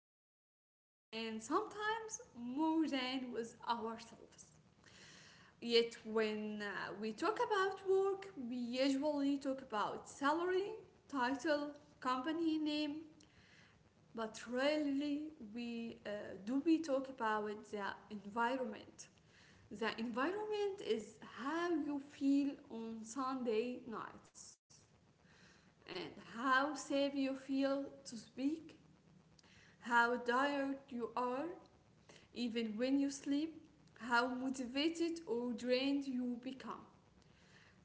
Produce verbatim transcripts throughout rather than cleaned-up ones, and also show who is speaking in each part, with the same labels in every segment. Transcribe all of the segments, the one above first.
Speaker 1: friends, and sometimes more than with ourselves. Yet, when uh, we talk about work, we usually talk about salary, title, company name, but rarely we uh, do we talk about the environment. The environment is how you feel on Sunday nights and how safe you feel to speak, how tired you are even when you sleep, how motivated or drained you become.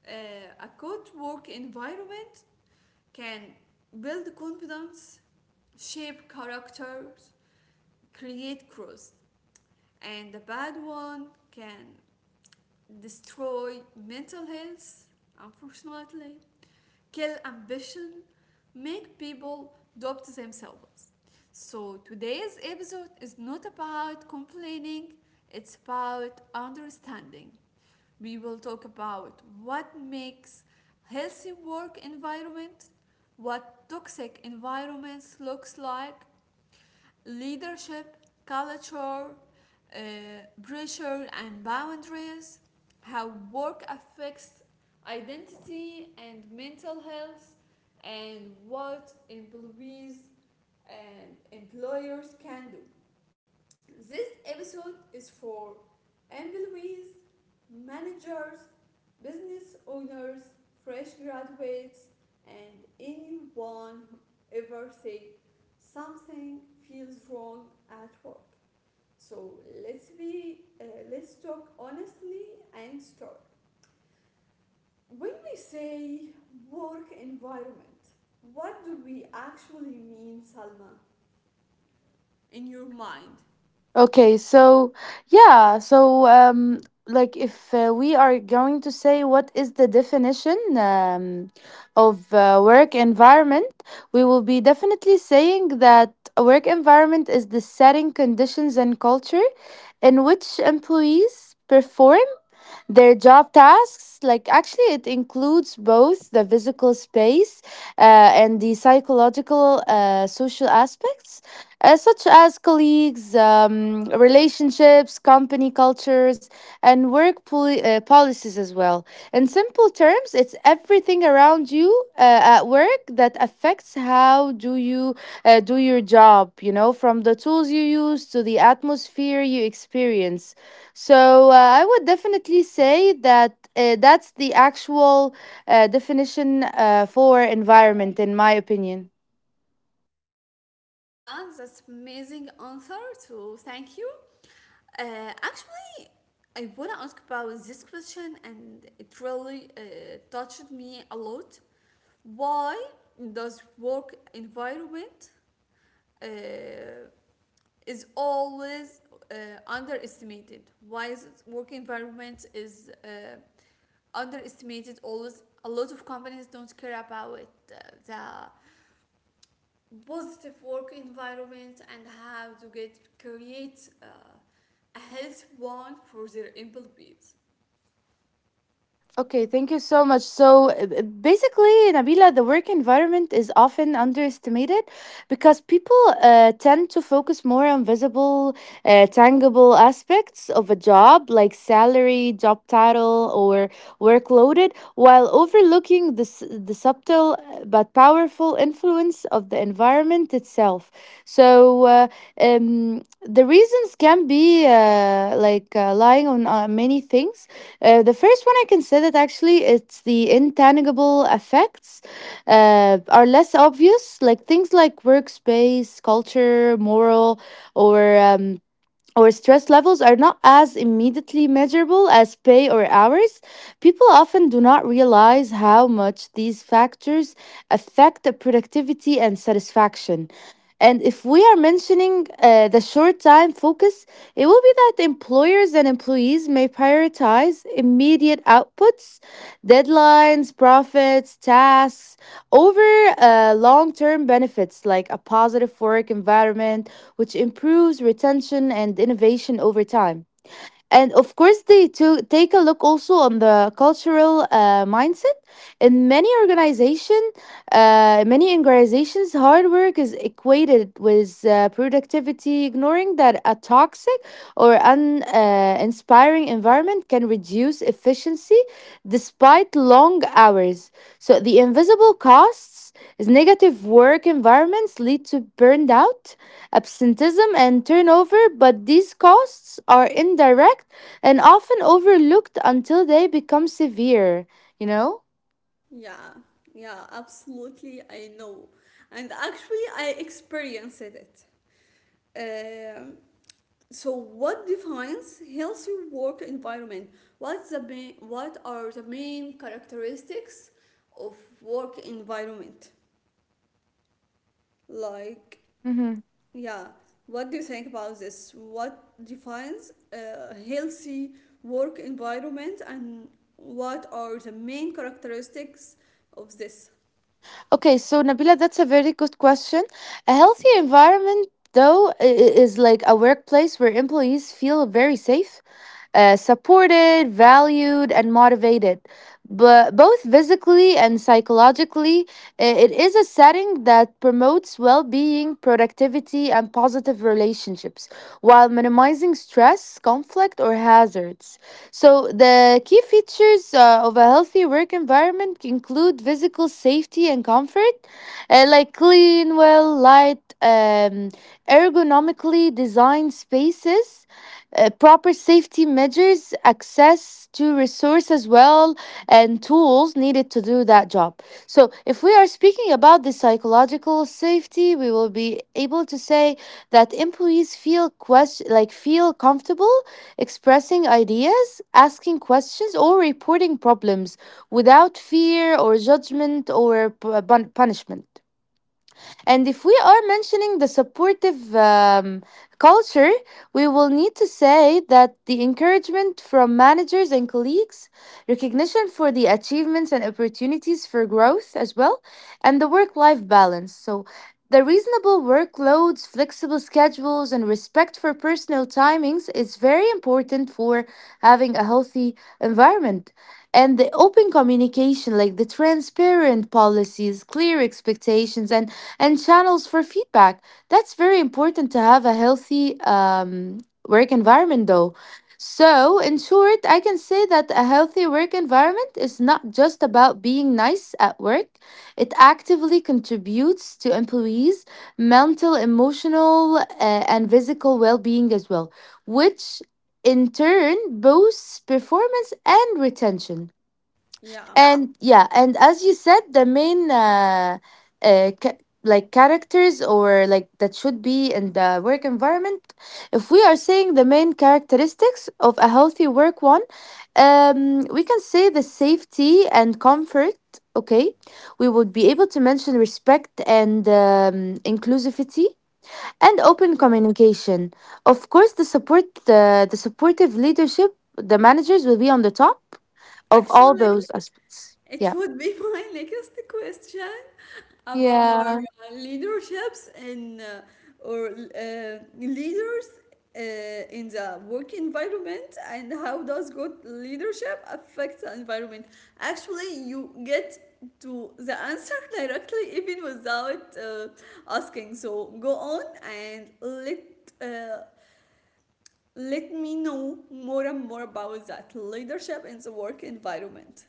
Speaker 1: Uh, a good work environment can build confidence, shape characters, create trust, and a bad one can destroy mental health, unfortunately, kill ambition, make people doubt themselves. So today's episode is not about complaining, it's about understanding. We will talk about what makes healthy work environment, what toxic environments looks like, leadership, culture, uh, pressure and boundaries, how work affects identity and mental health, and what employees and employers can do. This episode is for employees, managers, business owners, fresh graduates, and anyone who ever said something feels wrong at work. So let's be uh, let's talk honestly and start. When we say work environment, what do we actually mean, Salma? In your mind,
Speaker 2: Okay, so yeah, so um, like if uh, we are going to say what is the definition um, of uh, work environment, we will be definitely saying that a work environment is the setting, conditions, and culture in which employees perform their job tasks, like actually, it includes both the physical space uh, and the psychological, uh, social aspects, uh, such as colleagues, um, relationships, company cultures, and work poli- uh, policies as well. In simple terms, it's everything around you uh, at work that affects how do you uh, do your job. You know, from the tools you use to the atmosphere you experience. So uh, I would definitely say that uh, that's the actual uh, definition uh, for environment, in my opinion.
Speaker 1: yeah, that's amazing answer. So thank you. Uh, actually, I wanna ask about this question, and it really uh, touched me a lot. Why does work environment uh, is always uh, underestimated? Why is it work environment is uh, underestimated? Always, a lot of companies don't care about uh, the positive work environment and how to get create uh, a health one for their employees.
Speaker 2: Okay, thank you so much. So uh, b- basically, Nabila, the work environment is often underestimated because people uh, tend to focus more on visible, uh, tangible aspects of a job like salary, job title, or workloaded, while overlooking the, s- the subtle uh, but powerful influence of the environment itself. So, uh, um, the reasons can be uh, like uh, lying on uh, many things. Uh, the first one I considered actually it's the intangible effects uh, are less obvious, like things like workspace, culture, moral, or um, or stress levels are not as immediately measurable as pay or hours. People often do not realize how much these factors affect the productivity and satisfaction. And if we are mentioning uh, the short time focus, it will be that employers and employees may prioritize immediate outputs, deadlines, profits, tasks over uh, long term benefits like a positive work environment, which improves retention and innovation over time, and of course they to take a look also on the cultural uh, mindset in many organization uh, many organizations. Hard work is equated with uh, productivity, ignoring that a toxic or uninspiring uh, inspiring environment can reduce efficiency despite long hours. So the invisible costs is negative work environments lead to burnout, absenteeism and turnover, but these costs are indirect and often overlooked until they become severe, you know?
Speaker 1: Yeah, yeah, absolutely. I know. And actually, I experienced it. Um, so, what defines healthy work environment? What's the main, what are the main characteristics of work environment? Like yeah, what do you think about this? What defines a healthy work environment and what are the main characteristics of this?
Speaker 2: Okay, so Nabila, that's a very good question. A healthy environment, though, i- i- is like a workplace where employees feel very safe, uh, supported, valued, and motivated, but both physically and psychologically. I- it is a setting that promotes well being, productivity, and positive relationships while minimizing stress, conflict, or hazards. So, the key features uh, of a healthy work environment include physical safety and comfort, uh, like clean, well light, um, ergonomically designed spaces, uh, proper safety measures, access to resource as well, and tools needed to do that job. So, if we are speaking about the psychological safety, we will be able to say that employees feel ques- like feel comfortable expressing ideas, asking questions, or reporting problems without fear or judgment or pu- pun- punishment. And if we are mentioning the supportive um, culture, we will need to say that the encouragement from managers and colleagues, recognition for the achievements and opportunities for growth as well, and the work life balance. So, the reasonable workloads, flexible schedules, and respect for personal timings is very important for having a healthy environment. And the open communication, like the transparent policies, clear expectations, and and channels for feedback. That's very important to have a healthy um, work environment, though. So, in short, I can say that a healthy work environment is not just about being nice at work. It actively contributes to employees' mental, emotional, uh, and physical well being as well, which in turn boosts performance and retention.
Speaker 1: Yeah,
Speaker 2: And yeah, and as you said, the main uh, uh ca- like characters or like that should be in the work environment, if we are saying the main characteristics of a healthy work one, um we can say the safety and comfort, okay, we would be able to mention respect and um, inclusivity and
Speaker 1: yeah.
Speaker 2: open communication. Of course the support, the, the supportive leadership, the managers will be on the top of all
Speaker 1: Actually,
Speaker 2: those aspects.
Speaker 1: it
Speaker 2: Yeah.
Speaker 1: would be my next question about our
Speaker 2: Yeah.
Speaker 1: uh, leaderships and uh, or uh, leaders uh, in the work environment and how does good leadership affect the environment. Actually, you get to the answer directly even without uh, asking, so go on and let uh, let me know more and more about that leadership in the work environment,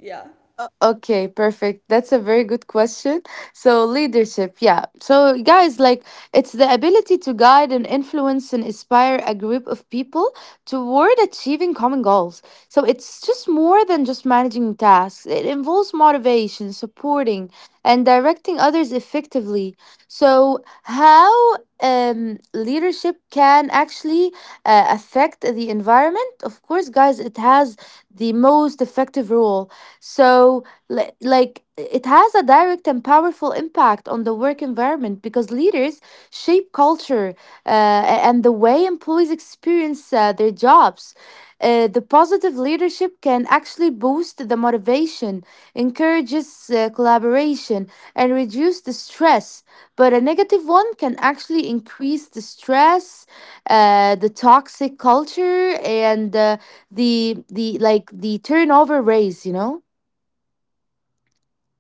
Speaker 1: yeah.
Speaker 2: O- Okay, perfect. That's a very good question. So, leadership, yeah. So, guys, like it's the ability to guide and influence and inspire a group of people toward achieving common goals. So, it's just more than just managing tasks, it involves motivation, supporting, and directing others effectively. So, how um, leadership can actually uh, affect the environment? Of course, guys, it has the most effective role. So, li- like, it has a direct and powerful impact on the work environment because leaders shape culture uh, a- and the way employees experience uh, their jobs. Uh, the positive leadership can actually boost the motivation, encourages uh, collaboration, and reduce the stress. But a negative one can actually increase the stress, uh, the toxic culture, and uh, the the like the turnover raise. You know.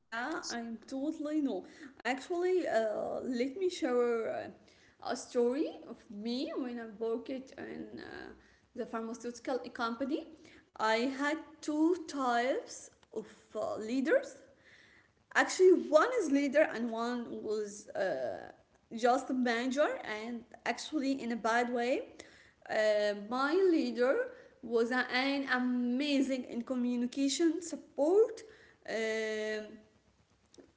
Speaker 1: Yeah, I totally know. Actually, uh, let me share uh, a story of me when I worked in uh, the pharmaceutical company. I had two types of uh, leaders. Actually, one is leader and one was uh, just a manager, and actually, in a bad way. Uh, my leader was an amazing in communication support. Um,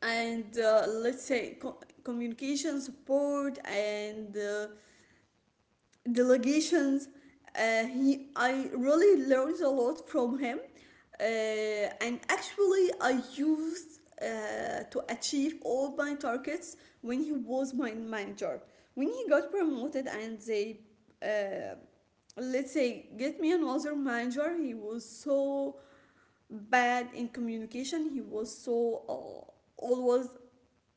Speaker 1: and uh, let's say co- communication support and uh, delegations. Uh, he, I really learned a lot from him, uh, and actually I used uh, to achieve all my targets when he was my manager. When he got promoted and they, uh, let's say, get me another manager, he was so bad in communication. He was so uh, always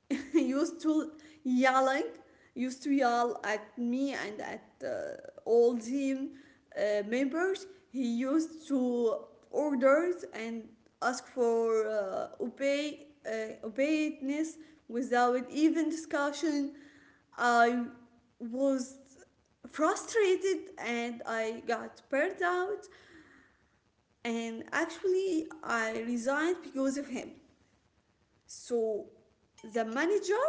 Speaker 1: used to yelling used to yell at me and at uh, all team uh, members. He used to orders and ask for uh, obey uh, obedience without even discussion. I was frustrated and I got burned out, and actually I resigned because of him. So the manager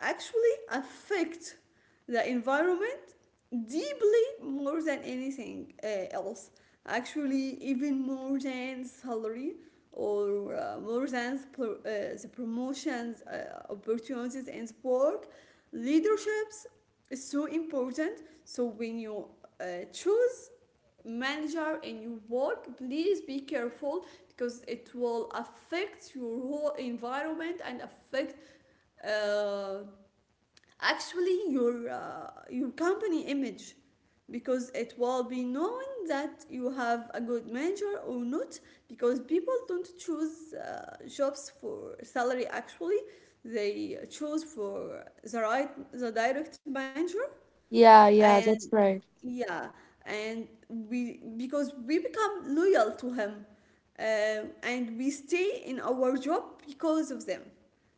Speaker 1: actually affect the environment deeply more than anything uh, else. Actually, even more than salary or uh, more than pro- uh, the promotions, uh, opportunities, and work. Leaderships is so important. So when you uh, choose manager and you work, please be careful because it will affect your whole environment and affect uh, actually your uh, your company image, because it will be known that you have a good manager or not, because people don't choose uh, jobs for salary, actually they choose for the right the direct manager.
Speaker 2: Yeah, yeah,
Speaker 1: And
Speaker 2: that's right.
Speaker 1: yeah, and we because we become loyal to him, uh, and we stay in our job because of them.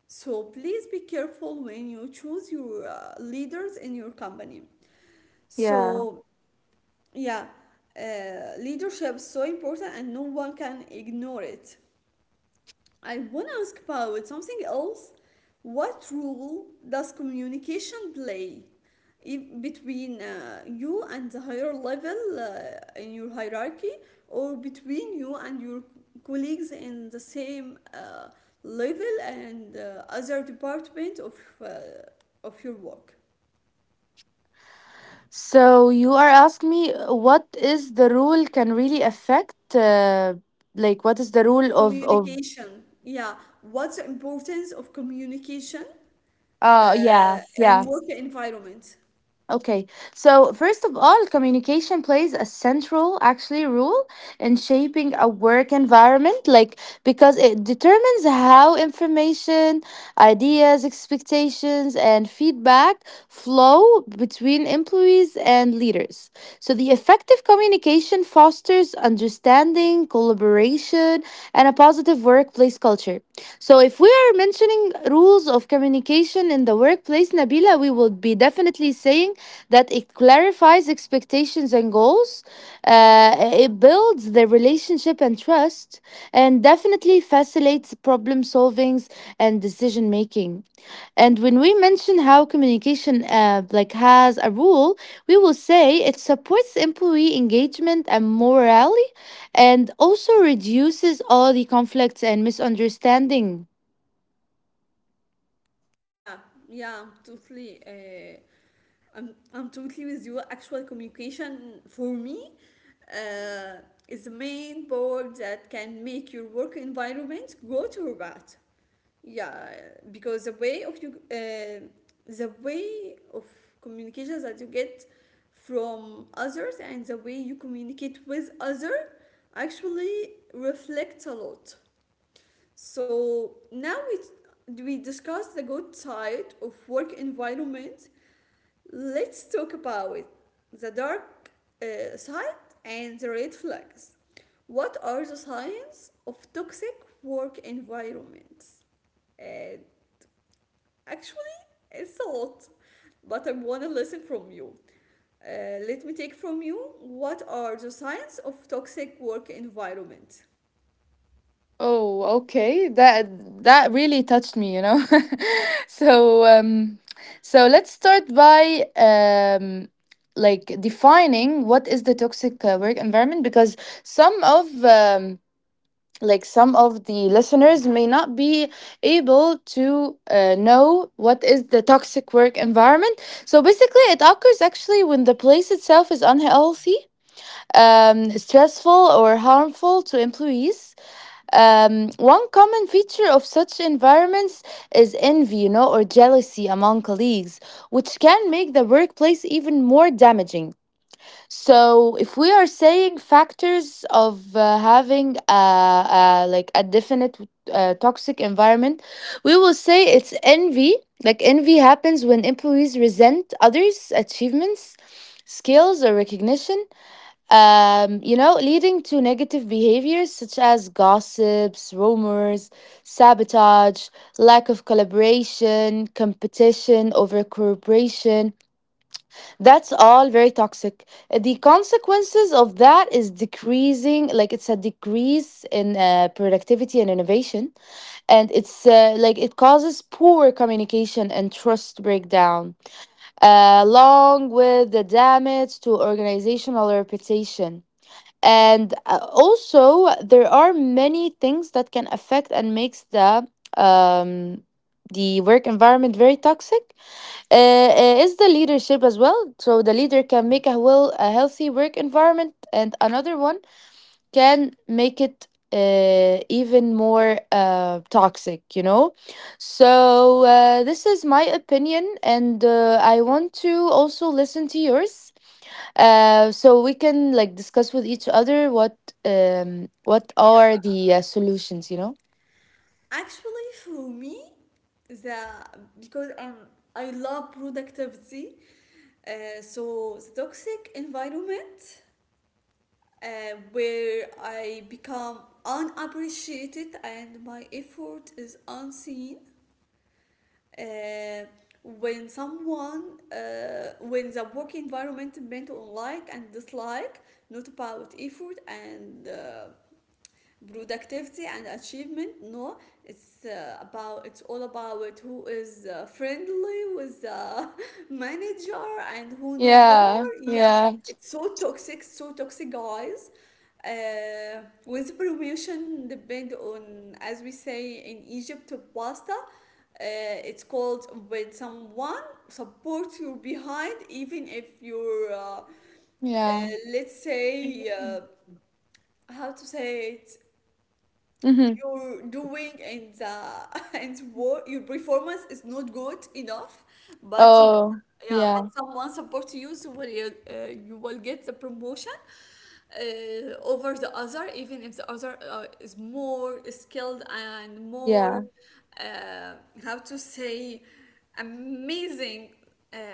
Speaker 1: So please be careful when you choose your uh, leaders in your company.
Speaker 2: Yeah.
Speaker 1: So yeah, uh, leadership is so important, and no one can ignore it. I want to ask about something else. What role does communication play if between uh, you and the higher level uh, in your hierarchy, or between you and your colleagues in the same uh, level and uh, other department of uh, of your work?
Speaker 2: So you are asking me uh, what is the rule can really affect uh, like what is the rule of of
Speaker 1: Communication. Yeah. What's the importance of communication
Speaker 2: uh yeah,
Speaker 1: uh, in
Speaker 2: yeah.
Speaker 1: work environment?
Speaker 2: Okay, so first of all, communication plays a central actually role in shaping a work environment, like because it determines how information, ideas, expectations, and feedback flow between employees and leaders. So the effective communication fosters understanding, collaboration, and a positive workplace culture. So if we are mentioning rules of communication in the workplace, Nabila, we will be definitely saying saying that it clarifies expectations and goals, uh, it builds the relationship and trust, and definitely facilitates problem solvings and decision making. And when we mention how communication uh, like has a rule, we will say it supports employee engagement and morale, and also reduces all the conflicts and misunderstanding.
Speaker 1: Yeah, yeah, totally. Uh, I'm, I'm totally with you. Actual communication for me uh, is the main part that can make your work environment good or bad. Yeah, because the way of you, uh, the way of communication that you get from others and the way you communicate with other actually reflects a lot. So now we we discuss the good side of work environment. Let's talk about the dark uh, side and the red flags. What are the signs of toxic work environments? Uh, Actually, it's a lot, but I want to listen from you. Uh, let me take from you, what are the signs of toxic work environment?
Speaker 2: Oh, okay. That that really touched me, you know. So, um, so let's start by um, like defining what is the toxic uh, work environment because some of um, like some of the listeners may not be able to uh, know what is the toxic work environment. So basically, it occurs actually when the place itself is unhealthy, um, stressful, or harmful to employees. Um, one common feature of such environments is envy, you know, or jealousy among colleagues, which can make the workplace even more damaging. So, if we are saying factors of uh, having a, a like a definite uh, toxic environment, we will say it's envy. Like envy happens when employees resent others' achievements, skills, or recognition, um, you know, leading to negative behaviors such as gossips, rumors, sabotage, lack of collaboration, competition, over cooperation. That's all very toxic. The consequences of that is decreasing, like it's a decrease in uh, productivity and innovation, and it's uh, like it causes poor communication and trust breakdown, uh, along with the damage to organizational reputation. And uh, also, there are many things that can affect and makes the um, the work environment very toxic. Uh, uh, is the leadership as well? So the leader can make a well a healthy work environment, and another one can make it uh, even more uh, toxic. You know, so uh, this is my opinion, and uh, I want to also listen to yours uh, so we can like discuss with each other what um what are
Speaker 1: Yeah.
Speaker 2: the uh, solutions, you know.
Speaker 1: Actually, for me, the because I'm, I love productivity, uh, so the toxic environment uh, where I become unappreciated and my effort is unseen. Uh, when someone, uh, when the work environment meant on like and dislike, not about effort and uh, productivity and achievement, no, it's uh, about it's all about who is uh, friendly with the manager and who no more,
Speaker 2: Yeah.
Speaker 1: yeah.
Speaker 2: Yeah.
Speaker 1: It's so toxic, so toxic, guys. Uh, with promotion depend on, as we say in Egypt, pasta, uh, it's called when someone supports you behind even if you're uh, uh,
Speaker 2: Yeah.
Speaker 1: let's say, uh, how to say it,
Speaker 2: mm-hmm.
Speaker 1: you're doing, and the and what your performance is not good enough, but he-
Speaker 2: Oh.
Speaker 1: yeah, but
Speaker 2: Yeah.
Speaker 1: someone support you, so will you, uh, you will get the promotion uh, over the other even if the other uh, is more skilled and more
Speaker 2: Yeah.
Speaker 1: uh, how to say amazing uh,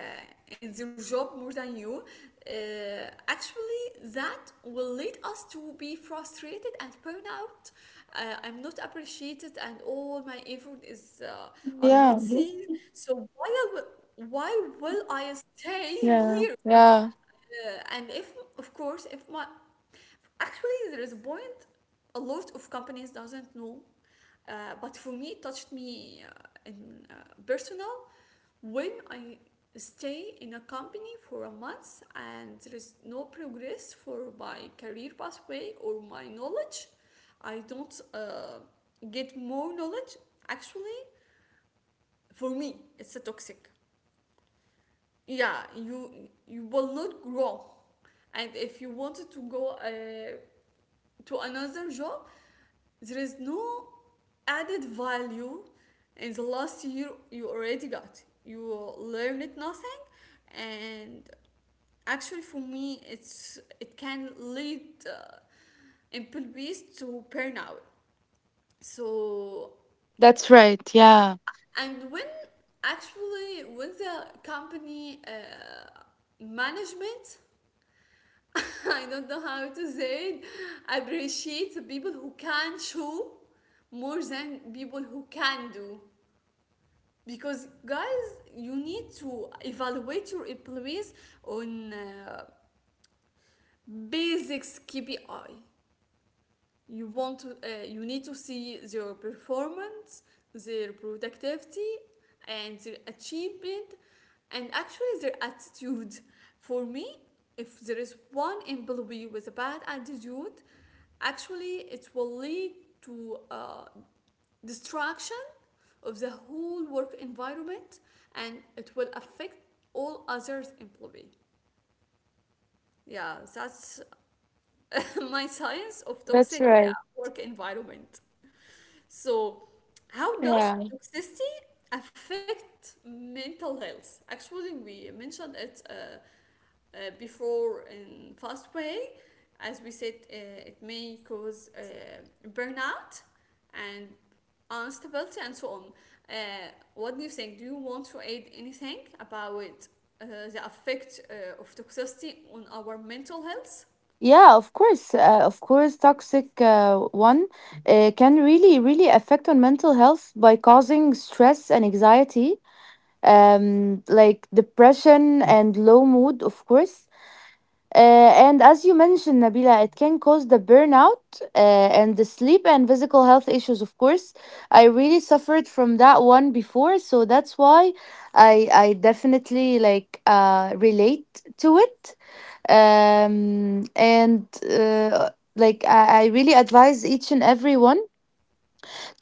Speaker 1: in their job more than you, uh, actually that will lead us to be frustrated and burn out. Uh, I'm not appreciated, and all my effort is uh, are not seen. So why I will, why will I stay here?
Speaker 2: Yeah.
Speaker 1: Uh, and if of course if my Actually, there is a point a lot of companies doesn't know, uh, but for me, it touched me uh, in uh, personal, when I stay in a company for a month and there is no progress for my career pathway or my knowledge. I don't uh, get more knowledge. Actually, for me, it's a toxic. Yeah, you you will not grow, and if you wanted to go uh, to another job, there is no added value in the last year you already got. You learned nothing, and actually, for me, it's it can lead uh, employees to burnout. So,
Speaker 2: That's right. Yeah.
Speaker 1: and when actually when the company uh, management I don't know how to say it, appreciate the people who can show more than people who can do, because guys, you need to evaluate your employees on uh, basics KPI. You want to, uh, you need to see their performance, their productivity, and their achievement, and actually their attitude. For me, if there is one employee with a bad attitude, actually it will lead to uh, destruction of the whole work environment, and it will affect all others employee. Yeah, that's my science of
Speaker 2: That's
Speaker 1: toxic, yeah,
Speaker 2: right.
Speaker 1: work environment. So, how does
Speaker 2: Yeah.
Speaker 1: toxicity affect mental health? Actually, we mentioned it uh, uh, before in fast way. As we said, uh, it may cause uh, burnout and instability and so on. Uh, what do you think? Do you want to add anything about uh, the effect uh, of toxicity on our mental health?
Speaker 2: Yeah, of course, uh, of course, toxic uh, one uh, can really, really affect on mental health by causing stress and anxiety, um, like depression and low mood, of course. Uh, and as you mentioned, Nabila, it can cause the burnout uh, and the sleep and physical health issues, of course. I really suffered from that one before, so that's why I I definitely like uh relate to it, um, and uh, like I, I really advise each and everyone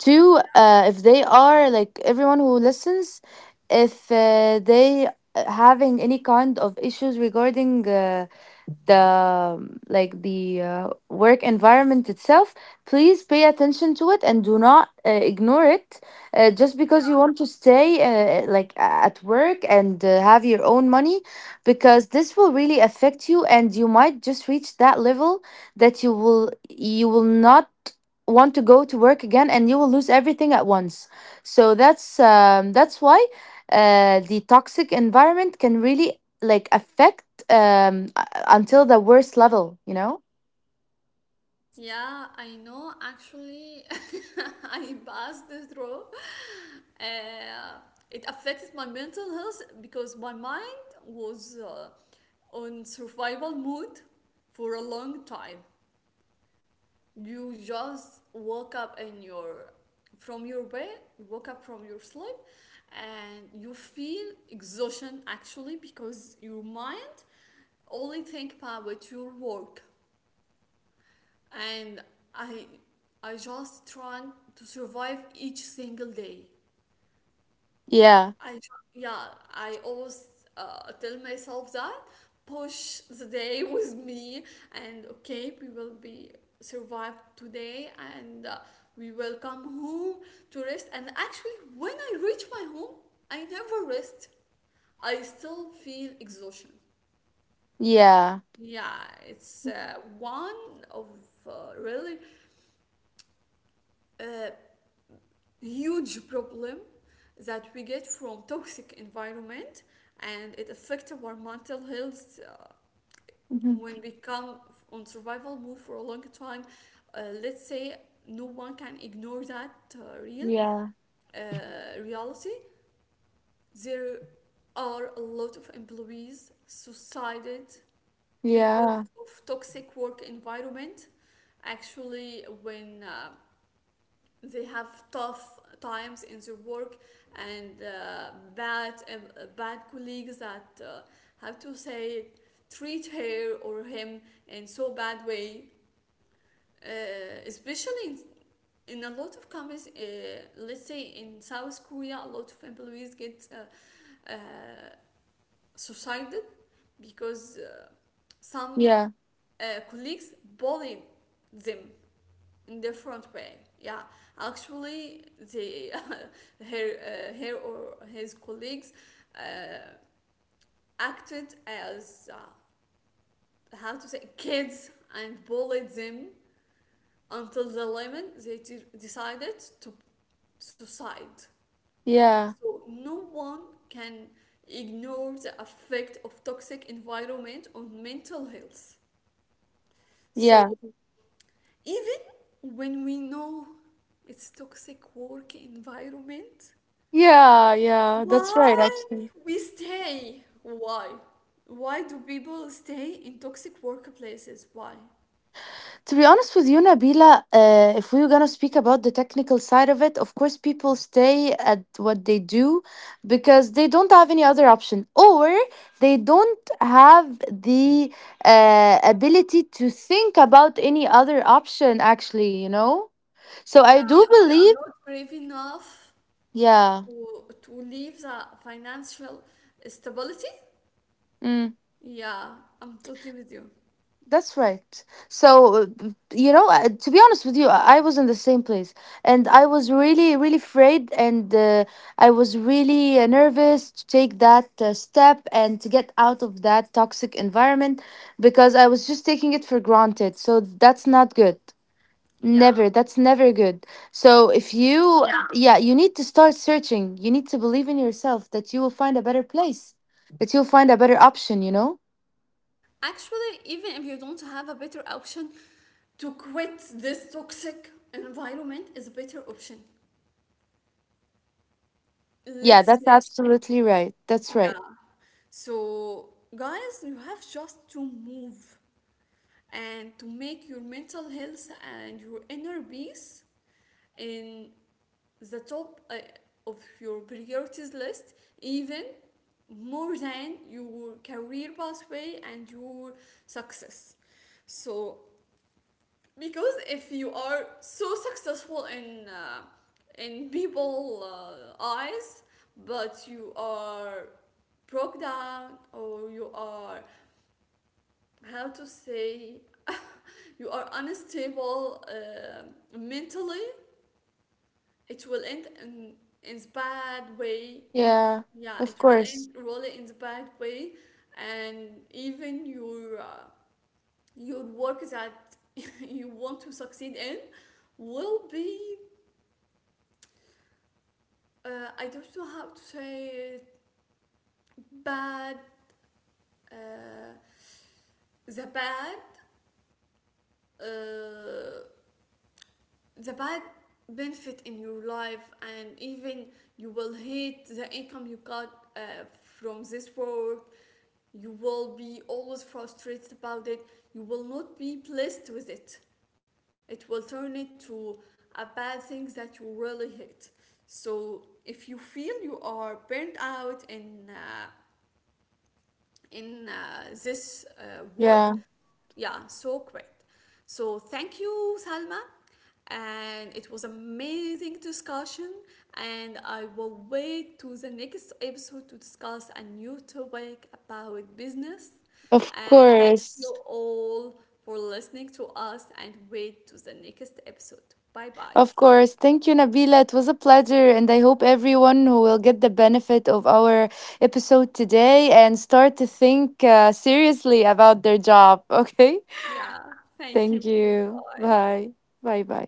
Speaker 2: to uh, if they are like everyone who listens, if uh, they uh, having any kind of issues regarding uh, the um, like the uh, work environment itself, please pay attention to it and do not uh, ignore it uh, just because you want to stay uh, like at work and uh, have your own money, because this will really affect you and you might just reach that level that you will you will not want to go to work again and you will lose everything at once. So that's um, that's why uh, the toxic environment can really like affect um, until the worst level, you know?
Speaker 1: Yeah, I know. Actually, I passed through. Uh, it affected my mental health because my mind was uh, on survival mode for a long time. You just woke up in your from your bed, you woke up from your sleep, and you feel exhaustion actually because your mind only think about your work, and I I just trying to survive each single day.
Speaker 2: Yeah.
Speaker 1: I tr- yeah, I always uh, tell myself that push the day with me, and okay, we will be survive today and uh, we will come home to rest. And actually, when I reach my home, I never rest. I still feel exhaustion.
Speaker 2: Yeah.
Speaker 1: Yeah, it's uh, one of uh, really uh, huge problem that we get from toxic environment, and it affects our mental health uh,
Speaker 2: Mhm.
Speaker 1: when we come on survival mode for a long time, uh, let's say. No one can ignore that uh, real
Speaker 2: Yeah.
Speaker 1: uh, reality. There are a lot of employees suicided because
Speaker 2: Yeah.
Speaker 1: of toxic work environment, actually when um, they have tough times in their work and uh, bad um, uh, bad colleagues that uh, have to say treat her or him in so bad way, uh, especially in, in a lot of companies, uh, let's say in South Korea, a lot of employees get uh, uh, suicided because uh, some
Speaker 2: Yeah.
Speaker 1: uh, colleagues bullied them in different way, yeah. Actually the uh, her uh, her or his colleagues uh, acted as uh, how to say kids and bullied them until the limit they decided to suicide.
Speaker 2: Yeah.
Speaker 1: So no one can ignore the effect of toxic environment on mental health. So
Speaker 2: Yeah.
Speaker 1: even when we know it's toxic work environment,
Speaker 2: Yeah. Yeah. That's right,
Speaker 1: why
Speaker 2: actually.
Speaker 1: we stay? Why? Why do people stay in toxic workplaces? Why?
Speaker 2: To be honest with you, Nabila, uh, if we were gonna speak about the technical side of it, of course, people stay at what they do because they don't have any other option, or they don't have the uh, ability to think about any other option. Actually, you know. So
Speaker 1: Yeah,
Speaker 2: I do
Speaker 1: they are
Speaker 2: believe,
Speaker 1: not brave enough
Speaker 2: yeah.
Speaker 1: to to leave the financial stability.
Speaker 2: Mm.
Speaker 1: Yeah, I'm totally with you.
Speaker 2: That's right. So, uh, b- you know, uh, to be honest with you, I I was in the same place and I was really, really afraid, and uh, I was really uh, nervous to take that uh, step and to get out of that toxic environment because I was just taking it for granted. So, that's not good.
Speaker 1: Yeah.
Speaker 2: Never. That's never good. So, if you, yeah, yeah, you need to start searching. You need to believe in yourself that you will find a better place, that you'll find a better option, you know?
Speaker 1: Actually, even if you don't have a better option, to quit this toxic environment is a better option.
Speaker 2: Yeah,
Speaker 1: Let's
Speaker 2: that's
Speaker 1: say,
Speaker 2: absolutely right. That's
Speaker 1: yeah.
Speaker 2: right.
Speaker 1: So, guys, you have just to move and to make your mental health and your inner peace in the top uh, of your priorities list, even more than your career pathway and your success. So, because if you are so successful in uh, in people uh, eyes, but you are broke down or you are how to say you are unstable uh, mentally, it will end in in the bad way.
Speaker 2: Yeah,
Speaker 1: Yeah,
Speaker 2: of
Speaker 1: it will
Speaker 2: course.
Speaker 1: end really in the bad way. And even your uh, your work that you want to succeed in will be uh, I don't know how to say it, bad, uh, the bad uh, the bad benefit in your life, and even you will hate the income you got uh, from this work. You will be always frustrated about it, you will not be pleased with it. It will turn it to a bad thing that you really hate. So if you feel you are burnt out in uh, in uh, this uh, work,
Speaker 2: Yeah,
Speaker 1: yeah, so great. So thank you, Salma. And it was amazing discussion. And I will wait to the next episode to discuss a new topic about business.
Speaker 2: of
Speaker 1: And thank
Speaker 2: course.
Speaker 1: you all for listening to us and wait to the next episode. Bye bye.
Speaker 2: Of course. Thank you, Nabila. It was a pleasure. And I hope everyone who will get the benefit of our episode today and start to think uh, seriously about their job. Okay.
Speaker 1: Yeah,
Speaker 2: Thank
Speaker 1: thank you.
Speaker 2: you.
Speaker 1: Bye.
Speaker 2: Bye. Bye bye.